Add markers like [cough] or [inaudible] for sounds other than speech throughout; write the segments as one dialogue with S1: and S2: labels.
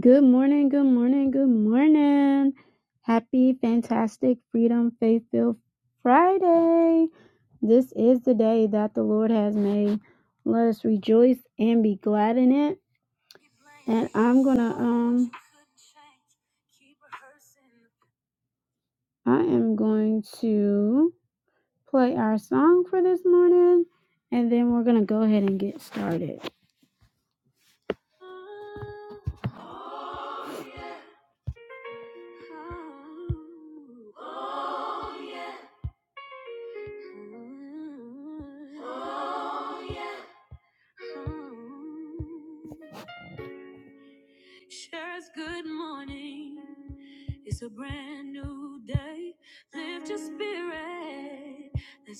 S1: Good morning, good morning, good morning. Happy, fantastic, freedom, faith filled Friday. This is the day that the Lord has made. Let us rejoice and be glad in it. And I'm gonna, um, I am going to play our song for this morning and then we're gonna go ahead and get started.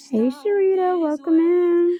S1: Hey, Sharita, welcome in.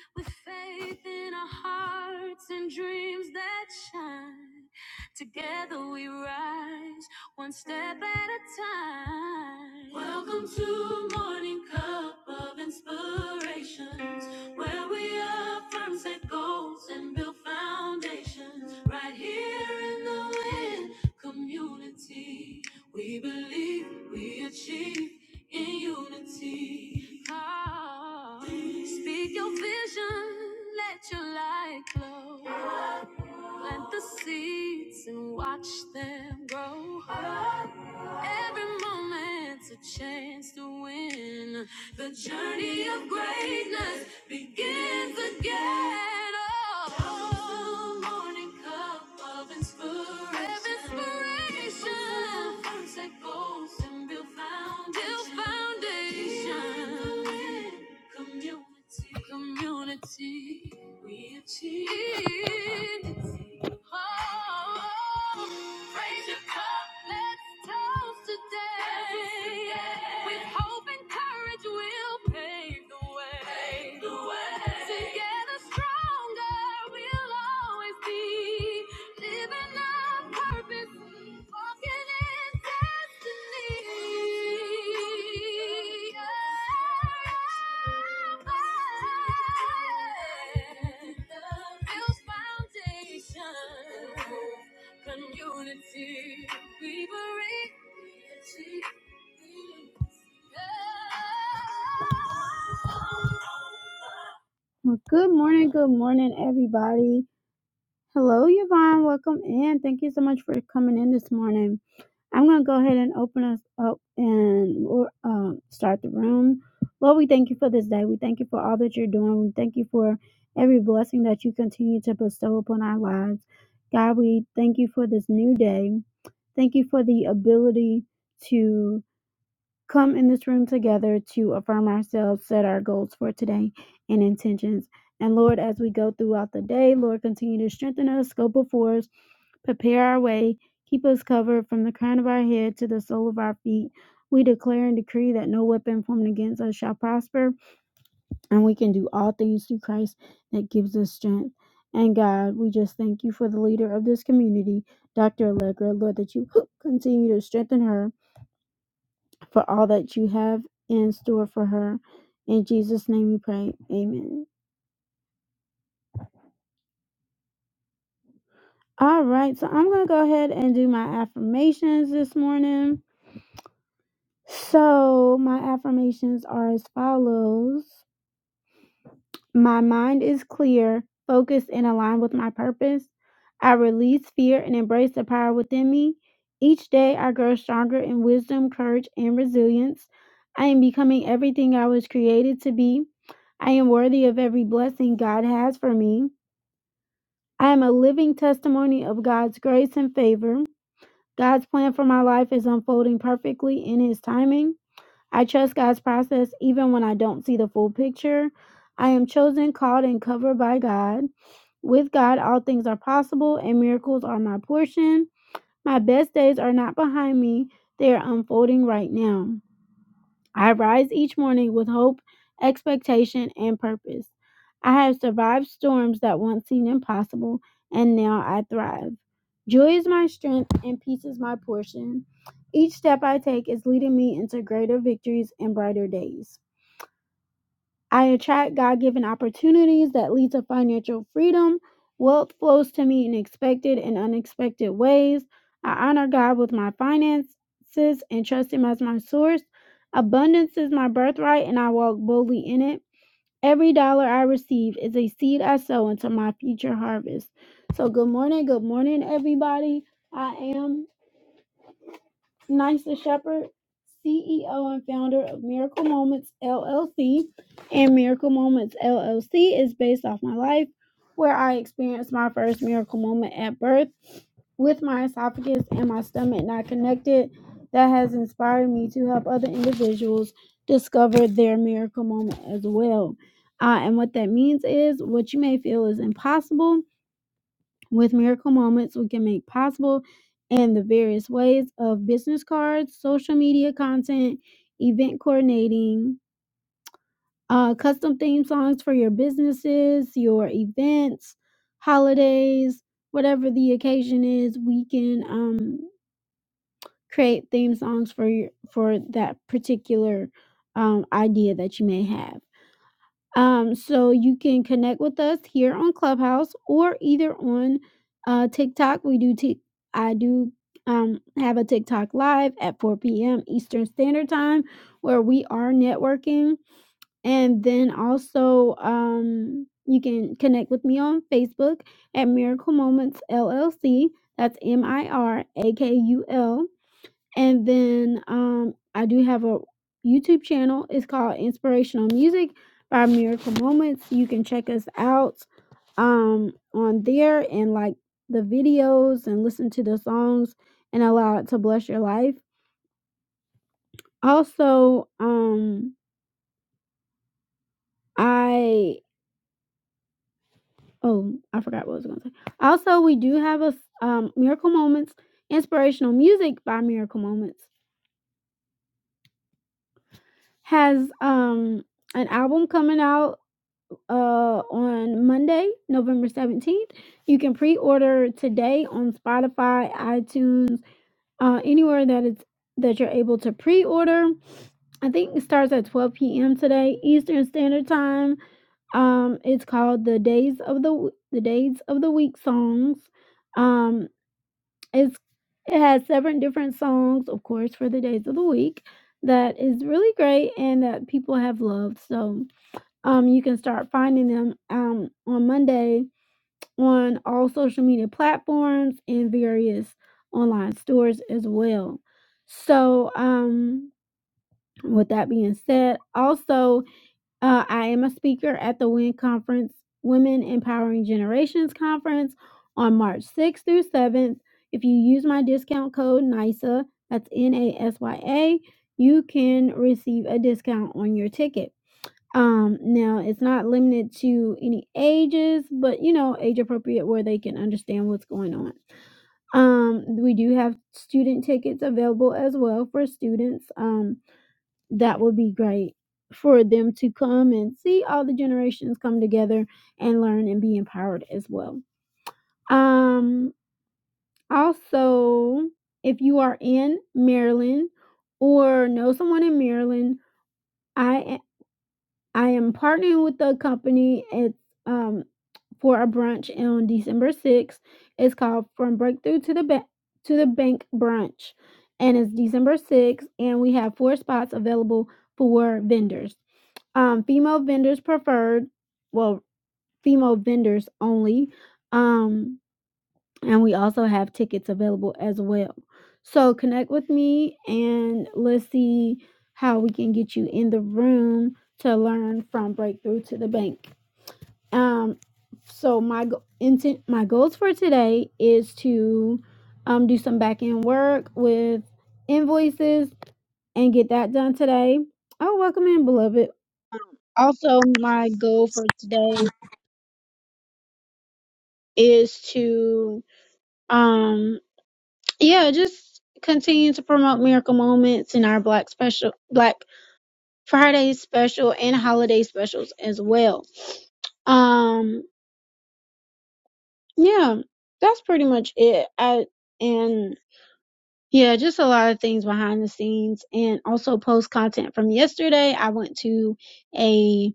S1: Well, good morning, good morning, everybody. Hello, Yvonne. Welcome in. Thank you so much for coming in this morning. I'm going to go ahead and open us up and we'll, um, start the room. Lord, we thank you for this day. We thank you for all that you're doing. We thank you for every blessing that you continue to bestow upon our lives. God, we thank you for this new day. Thank you for the ability to Come in this room together to affirm ourselves, set our goals for today and intentions. And Lord, as we go throughout the day, Lord, continue to strengthen us, go before us, prepare our way, keep us covered from the crown of our head to the sole of our feet. We declare and decree that no weapon formed against us shall prosper, and we can do all things through Christ that gives us strength. And God, we just thank you for the leader of this community, Dr. Allegra. Lord, that you [gasps] continue to strengthen her for all that you have in store for her. In Jesus' name we pray. Amen. All right, so I'm going to go ahead and do my affirmations this morning. So, my affirmations are as follows My mind is clear, focused, and aligned with my purpose. I release fear and embrace the power within me. Each day, I grow stronger in wisdom, courage, and resilience. I am becoming everything I was created to be. I am worthy of every blessing God has for me. I am a living testimony of God's grace and favor. God's plan for my life is unfolding perfectly in His timing. I trust God's process even when I don't see the full picture. I am chosen, called, and covered by God. With God, all things are possible, and miracles are my portion. My best days are not behind me, they are unfolding right now. I rise each morning with hope, expectation, and purpose. I have survived storms that once seemed impossible, and now I thrive. Joy is my strength, and peace is my portion. Each step I take is leading me into greater victories and brighter days. I attract God given opportunities that lead to financial freedom. Wealth flows to me in expected and unexpected ways. I honor God with my finances and trust Him as my source. Abundance is my birthright, and I walk boldly in it. Every dollar I receive is a seed I sow into my future harvest. So, good morning, good morning, everybody. I am Nisa Shepherd, CEO and founder of Miracle Moments LLC. And Miracle Moments LLC is based off my life, where I experienced my first miracle moment at birth with my esophagus and my stomach not connected. That has inspired me to help other individuals discover their miracle moment as well. Uh, and what that means is what you may feel is impossible with miracle moments we can make possible and the various ways of business cards, social media content, event coordinating, uh, custom theme songs for your businesses, your events, holidays, whatever the occasion is, we can um, create theme songs for your, for that particular um, idea that you may have. Um, so you can connect with us here on Clubhouse or either on uh, TikTok. We do t- I do um, have a TikTok live at 4 p.m. Eastern Standard Time where we are networking. And then also um, you can connect with me on Facebook at Miracle Moments LLC. That's M I R A K U L and then, um, I do have a YouTube channel. It's called Inspirational Music by Miracle Moments. You can check us out um on there and like the videos and listen to the songs and allow it to bless your life. Also, um I oh, I forgot what I was going to say. Also, we do have a s- um Miracle Moments Inspirational Music by Miracle Moments has um an album coming out uh on Monday, November 17th. You can pre-order today on Spotify, iTunes, uh anywhere that it's that you're able to pre-order. I think it starts at 12 p.m. today, Eastern Standard Time. Um, it's called the Days of the W- the Days of the Week songs. Um, it's it has seven different songs, of course, for the days of the week that is really great and that people have loved. So um, you can start finding them um, on Monday on all social media platforms and various online stores as well. So, um, with that being said, also, uh, I am a speaker at the WIN Conference, Women Empowering Generations Conference, on March 6th through 7th. If you use my discount code NISA, that's N A S Y A, you can receive a discount on your ticket. Um, now it's not limited to any ages, but you know, age appropriate where they can understand what's going on. Um, we do have student tickets available as well for students. Um, that would be great for them to come and see all the generations come together and learn and be empowered as well. Um, also, if you are in Maryland or know someone in Maryland, I I am partnering with the company. It's, um, for a brunch on December 6th. It's called From Breakthrough to the Ba to the Bank Brunch, and it's December 6th, and we have four spots available for vendors. Um, female vendors preferred, well, female vendors only. Um, and we also have tickets available as well. So connect with me and let's see how we can get you in the room to learn from breakthrough to the bank. Um so my go- intent my goals for today is to um do some back end work with invoices and get that done today. Oh, welcome in, beloved. Also, my goal for today is to um yeah, just continue to promote miracle moments in our Black special, Black Friday special, and holiday specials as well. Um, yeah, that's pretty much it. I and yeah, just a lot of things behind the scenes, and also post content from yesterday. I went to a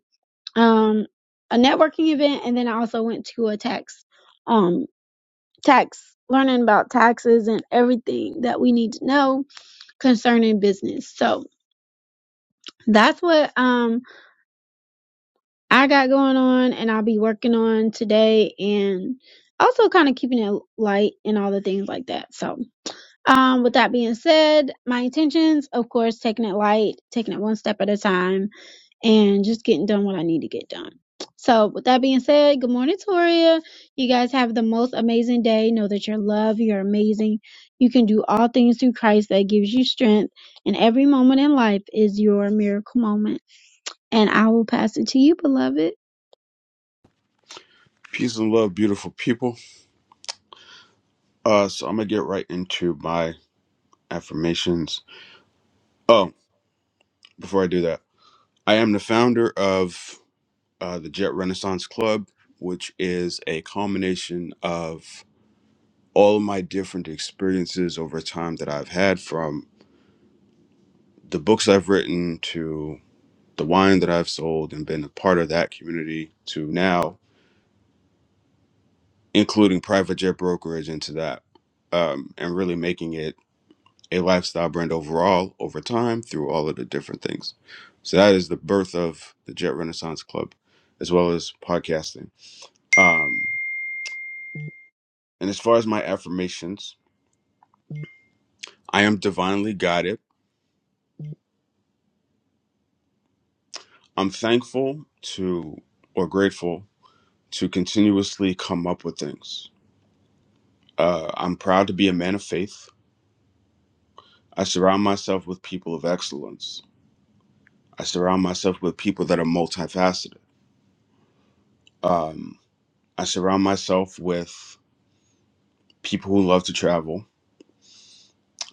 S1: um a networking event, and then I also went to a tax um tax learning about taxes and everything that we need to know concerning business. So that's what um I got going on and I'll be working on today and also kind of keeping it light and all the things like that. So, um with that being said, my intentions, of course, taking it light, taking it one step at a time and just getting done what I need to get done. So, with that being said, good morning, Toria. You guys have the most amazing day. Know that you're loved, you're amazing. You can do all things through Christ that gives you strength, and every moment in life is your miracle moment. And I will pass it to you, beloved.
S2: Peace and love, beautiful people. Uh, so I'm gonna get right into my affirmations. Oh, before I do that, I am the founder of uh, the Jet Renaissance Club, which is a culmination of all of my different experiences over time that I've had, from the books I've written to the wine that I've sold and been a part of that community to now, including private jet brokerage into that, um, and really making it a lifestyle brand overall over time through all of the different things. So that is the birth of the Jet Renaissance Club, as well as podcasting. Um, and as far as my affirmations, I am divinely guided. I'm thankful to or grateful to continuously come up with things. Uh, I'm proud to be a man of faith. I surround myself with people of excellence. I surround myself with people that are multifaceted. Um, I surround myself with people who love to travel.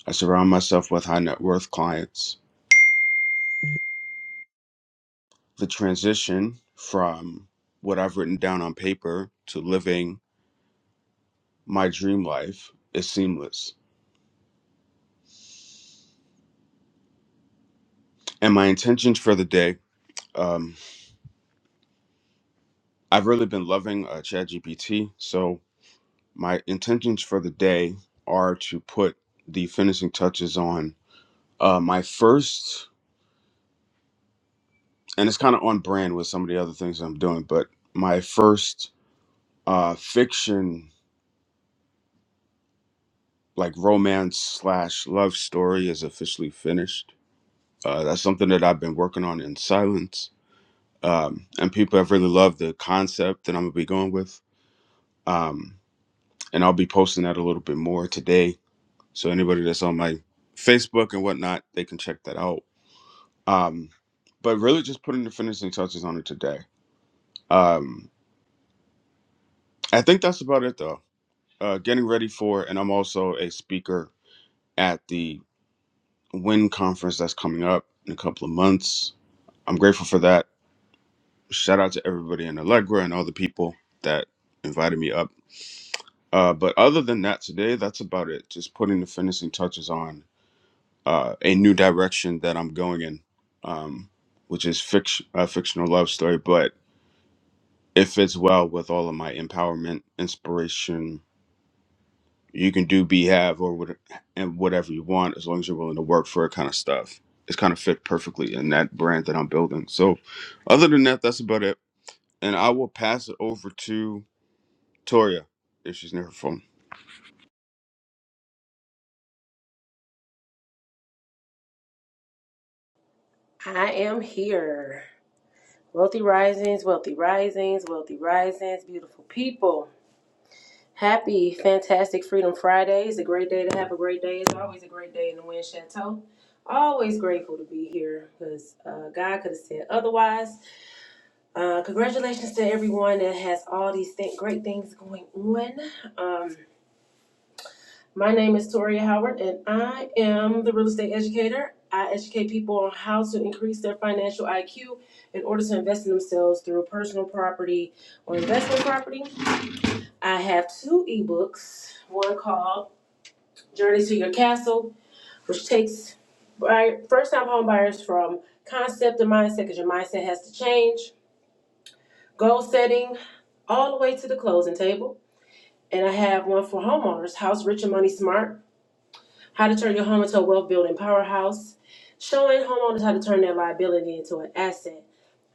S2: I surround myself with high net worth clients. The transition from what I've written down on paper to living my dream life is seamless. And my intentions for the day, um, I've really been loving uh, ChatGPT. So my intentions for the day are to put the finishing touches on uh, my first, and it's kind of on brand with some of the other things I'm doing, but my first uh, fiction like romance slash love story is officially finished. Uh, that's something that I've been working on in silence, um, and people have really loved the concept that I'm gonna be going with. Um, and I'll be posting that a little bit more today. So anybody that's on my Facebook and whatnot, they can check that out. Um, but really, just putting the finishing touches on it today. Um, I think that's about it, though. Uh, getting ready for, and I'm also a speaker at the Win conference that's coming up in a couple of months I'm grateful for that. Shout out to everybody in Allegra and all the people that invited me up. Uh, but other than that, today that's about it. Just putting the finishing touches on uh, a new direction that I'm going in, um, which is fiction, a fictional love story. But it fits well with all of my empowerment, inspiration. You can do, be, have, or what, and whatever you want as long as you're willing to work for it. Kind of stuff. It's kind of fit perfectly in that brand that I'm building. So, other than that, that's about it. and I will pass it over to Toria if she's near her phone.
S3: I am here. Wealthy Risings, Wealthy Risings, Wealthy Risings, beautiful people. Happy, fantastic Freedom Friday. It's a great day to have a great day. It's always a great day in the Wind Chateau. Always grateful to be here because uh, God could have said otherwise. Uh, congratulations to everyone that has all these th- great things going on. Um, My name is Toria Howard, and I am the real estate educator. I educate people on how to increase their financial IQ in order to invest in themselves through personal property or investment property. I have two ebooks one called Journey to Your Castle, which takes first time home buyers from concept to mindset because your mindset has to change, goal setting, all the way to the closing table. And I have one for homeowners, House Rich and Money Smart, How to Turn Your Home into a Wealth Building Powerhouse, showing homeowners how to turn their liability into an asset.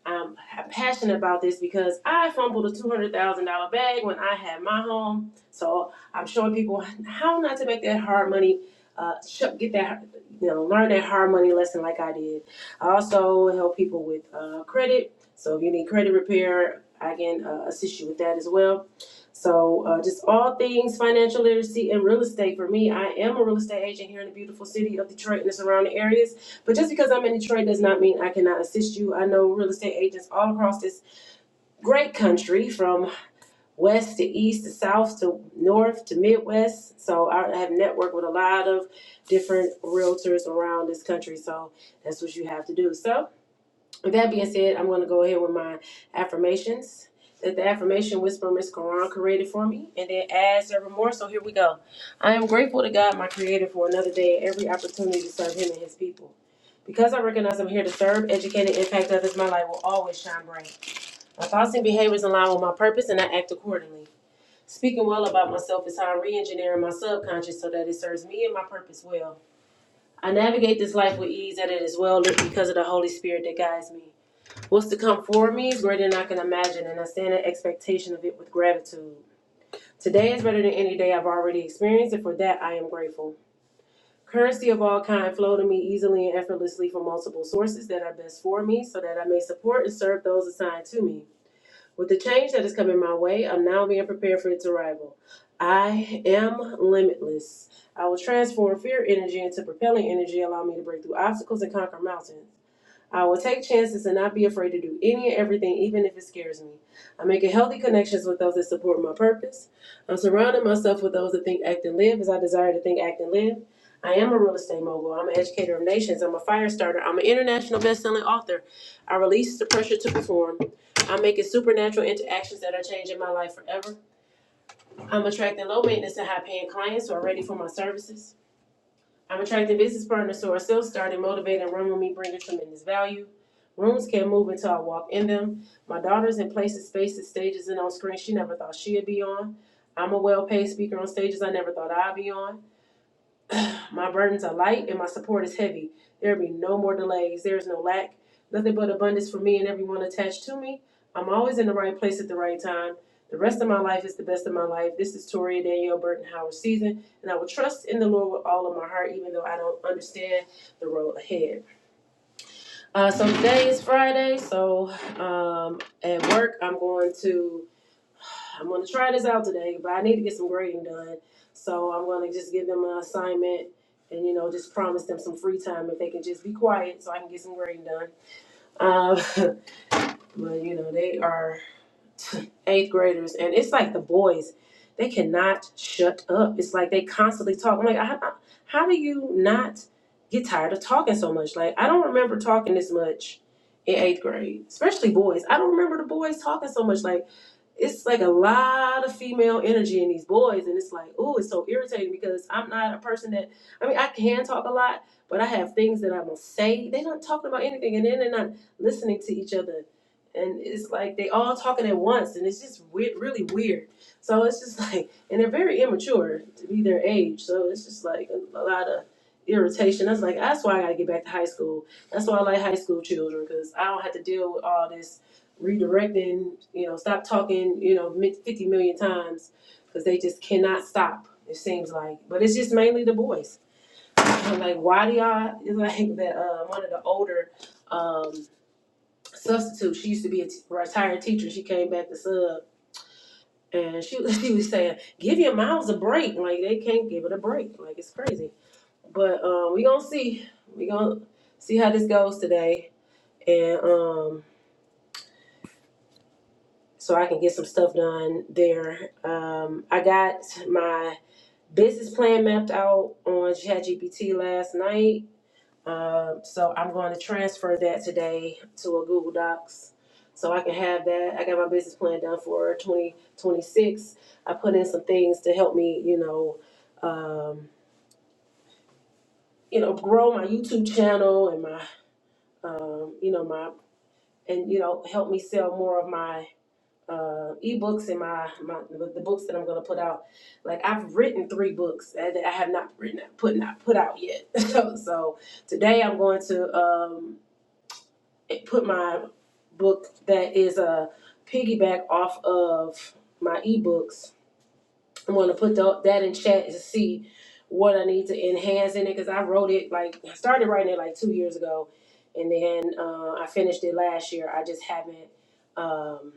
S3: I'm passionate about this because I fumbled a two hundred thousand dollar bag when I had my home. So I'm showing people how not to make that hard money. Uh, get that, you know, learn that hard money lesson like I did. I also help people with uh, credit. So if you need credit repair, I can uh, assist you with that as well. So uh, just all things financial literacy and real estate. For me, I am a real estate agent here in the beautiful city of Detroit and the surrounding areas. But just because I'm in Detroit does not mean I cannot assist you. I know real estate agents all across this great country, from west to east to south to north to midwest. So I have networked with a lot of different realtors around this country. So that's what you have to do. So with that being said, I'm going to go ahead with my affirmations. That the affirmation Whisperer Miss Quran created for me, and then adds evermore. So here we go. I am grateful to God, my Creator, for another day and every opportunity to serve Him and His people. Because I recognize I'm here to serve, educate, and impact others, my light will always shine bright. My thoughts and behaviors align with my purpose, and I act accordingly. Speaking well about myself is how I'm re-engineering my subconscious so that it serves me and my purpose well. I navigate this life with ease, and it is well lit because of the Holy Spirit that guides me. What's to come for me is greater than I can imagine, and I stand in expectation of it with gratitude. Today is better than any day I've already experienced, and for that I am grateful. Currency of all kind flow to me easily and effortlessly from multiple sources that are best for me, so that I may support and serve those assigned to me. With the change that is coming my way, I'm now being prepared for its arrival. I am limitless. I will transform fear energy into propelling energy, allow me to break through obstacles and conquer mountains. I will take chances and not be afraid to do any and everything, even if it scares me. I'm making healthy connections with those that support my purpose. I'm surrounding myself with those that think, act, and live as I desire to think, act, and live. I am a real estate mogul. I'm an educator of nations. I'm a fire starter. I'm an international best-selling author. I release the pressure to perform. I'm making supernatural interactions that are changing my life forever. I'm attracting low maintenance and high paying clients who are ready for my services. I'm attracting business partners who are self-starting, motivated, and run with me, bringing tremendous value. Rooms can't move until I walk in them. My daughter's in places, spaces, stages, and on screen. she never thought she'd be on. I'm a well-paid speaker on stages I never thought I'd be on. My burdens are light and my support is heavy. There be no more delays. There is no lack. Nothing but abundance for me and everyone attached to me. I'm always in the right place at the right time. The rest of my life is the best of my life. This is Toria Danielle Burton Howard season, and I will trust in the Lord with all of my heart, even though I don't understand the road ahead. Uh, so today is Friday, so um, at work I'm going to I'm gonna try this out today, but I need to get some grading done. So I'm gonna just give them an assignment and you know just promise them some free time if they can just be quiet so I can get some grading done. Uh, [laughs] but you know they are [laughs] eighth graders and it's like the boys, they cannot shut up. It's like they constantly talk. I'm like, I, I- how do you not get tired of talking so much? Like I don't remember talking this much in eighth grade, especially boys. I don't remember the boys talking so much. Like it's like a lot of female energy in these boys and it's like ooh it's so irritating because i'm not a person that i mean i can talk a lot but i have things that i will say they're not talking about anything and then they're not listening to each other and it's like they all talking at once and it's just weird, really weird so it's just [laughs] like and they're very immature to be their age so it's just like a, a lot of irritation that's like that's why i gotta get back to high school that's why i like high school children because i don't have to deal with all this redirecting, you know, stop talking, you know, 50 million times because they just cannot stop. It seems like, but it's just mainly the boys. [laughs] I'm like, why do y'all? It's like [laughs] that. Uh, one of the older um, substitutes. She used to be a t- retired teacher. She came back to sub, and she [laughs] she was saying, "Give your mouths a break." Like they can't give it a break. Like it's crazy. But um, we gonna see. We gonna see how this goes today, and um, so I can get some stuff done there. Um, I got my business plan mapped out on ChatGPT last night. Um, so I'm going to transfer that today to a Google Docs so I can have that. I got my business plan done for 2026. I put in some things to help me, you know, um, you know, grow my YouTube channel and my, um, you know, my, and you know, help me sell more of my uh, ebooks and my, my the books that I'm gonna put out. Like I've written three books that I have not written put not put out yet. [laughs] so, so today I'm going to um, put my book that is a piggyback off of my ebooks. I'm gonna put tho- that in chat to see what I need to enhance in it because I wrote it like I started writing it like two years ago, and then uh, I finished it last year. I just haven't. Um,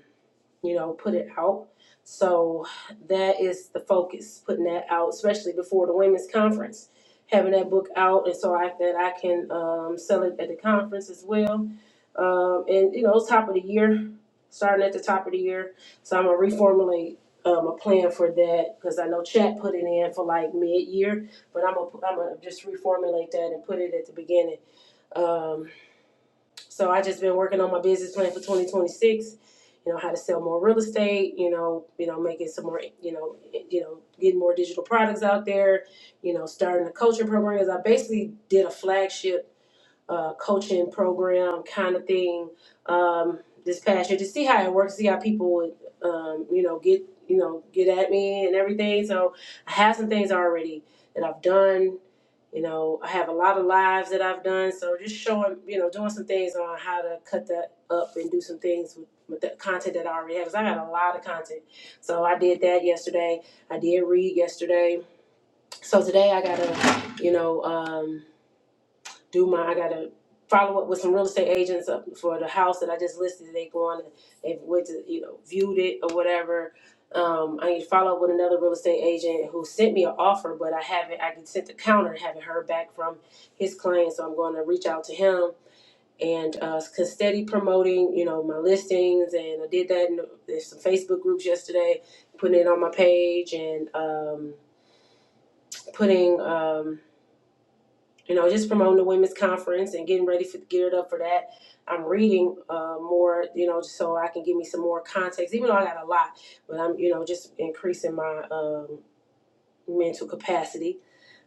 S3: you know, put it out. So that is the focus, putting that out, especially before the women's conference, having that book out, and so I that I can um, sell it at the conference as well. Um, and you know, it's top of the year, starting at the top of the year. So I'm gonna reformulate um, a plan for that because I know Chat put it in for like mid year, but I'm gonna I'm gonna just reformulate that and put it at the beginning. Um, so I just been working on my business plan for 2026. You know how to sell more real estate. You know, you know, making some more. You know, eh, you know, getting more digital products out there. You know, starting the coaching programs. I basically did a flagship uh, coaching program kind of thing um, this past year to see how it works, see how people would, um, you know, get you know get at me and everything. So I have some things already that I've done you know, I have a lot of lives that I've done, so just showing, you know, doing some things on how to cut that up and do some things with, with the content that I already have. Cause I got a lot of content, so I did that yesterday. I did read yesterday, so today I gotta, you know. Um, do my I gotta follow up with some real estate agents up for the house that I just listed. They go on and they've went to you know viewed it or whatever. Um, I need to follow up with another real estate agent who sent me an offer, but I haven't. I sent the counter, haven't heard back from his client, so I'm going to reach out to him and uh, 'cause steady promoting, you know, my listings, and I did that in there's some Facebook groups yesterday, putting it on my page and um, putting. Um, you know, just promoting the women's conference and getting ready for geared up for that. I'm reading uh, more, you know, so I can give me some more context. Even though I got a lot, but I'm, you know, just increasing my um, mental capacity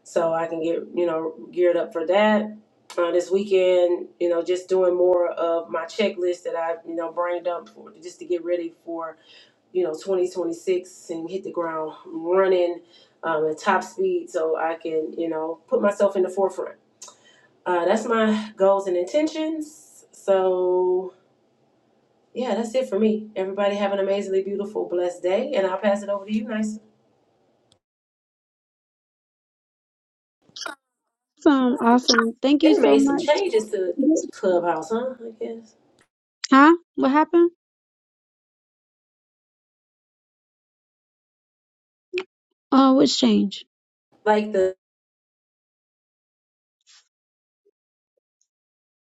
S3: so I can get, you know, geared up for that. Uh, this weekend, you know, just doing more of my checklist that I, you know, brained up for, just to get ready for, you know, 2026 and hit the ground running um, at top speed so I can, you know, put myself in the forefront uh, that's my goals and intentions. So yeah, that's it for me. Everybody have an amazingly beautiful, blessed day, and I'll pass it over to you, Nice.
S1: Awesome, awesome. Thank you
S3: It
S1: so
S3: made some
S1: much.
S3: changes to Clubhouse, huh? I guess
S1: Huh? What happened? Uh, what's changed?
S3: like the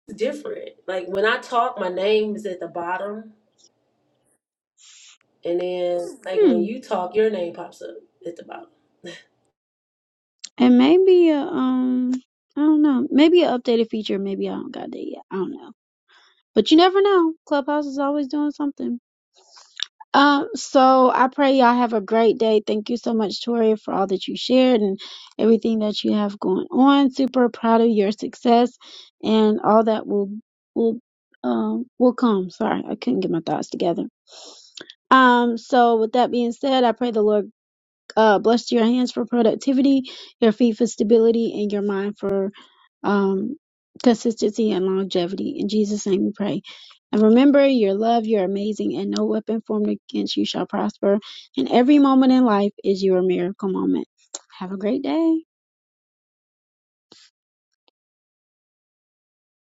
S3: it's different. Like when I talk, my name is at the bottom, and then like when
S1: Hmm.
S3: you talk, your name pops up at the bottom. [laughs]
S1: And maybe a um, I don't know. Maybe an updated feature. Maybe I don't got that yet. I don't know. But you never know. Clubhouse is always doing something. Um, so I pray y'all have a great day. Thank you so much, Toria, for all that you shared and everything that you have going on. Super proud of your success and all that will will um will come. Sorry, I couldn't get my thoughts together. Um, so with that being said, I pray the Lord uh, blessed your hands for productivity, your feet for stability, and your mind for um, consistency and longevity. In Jesus' name we pray. And remember your love, you're amazing, and no weapon formed against you shall prosper. And every moment in life is your miracle moment. Have a great day.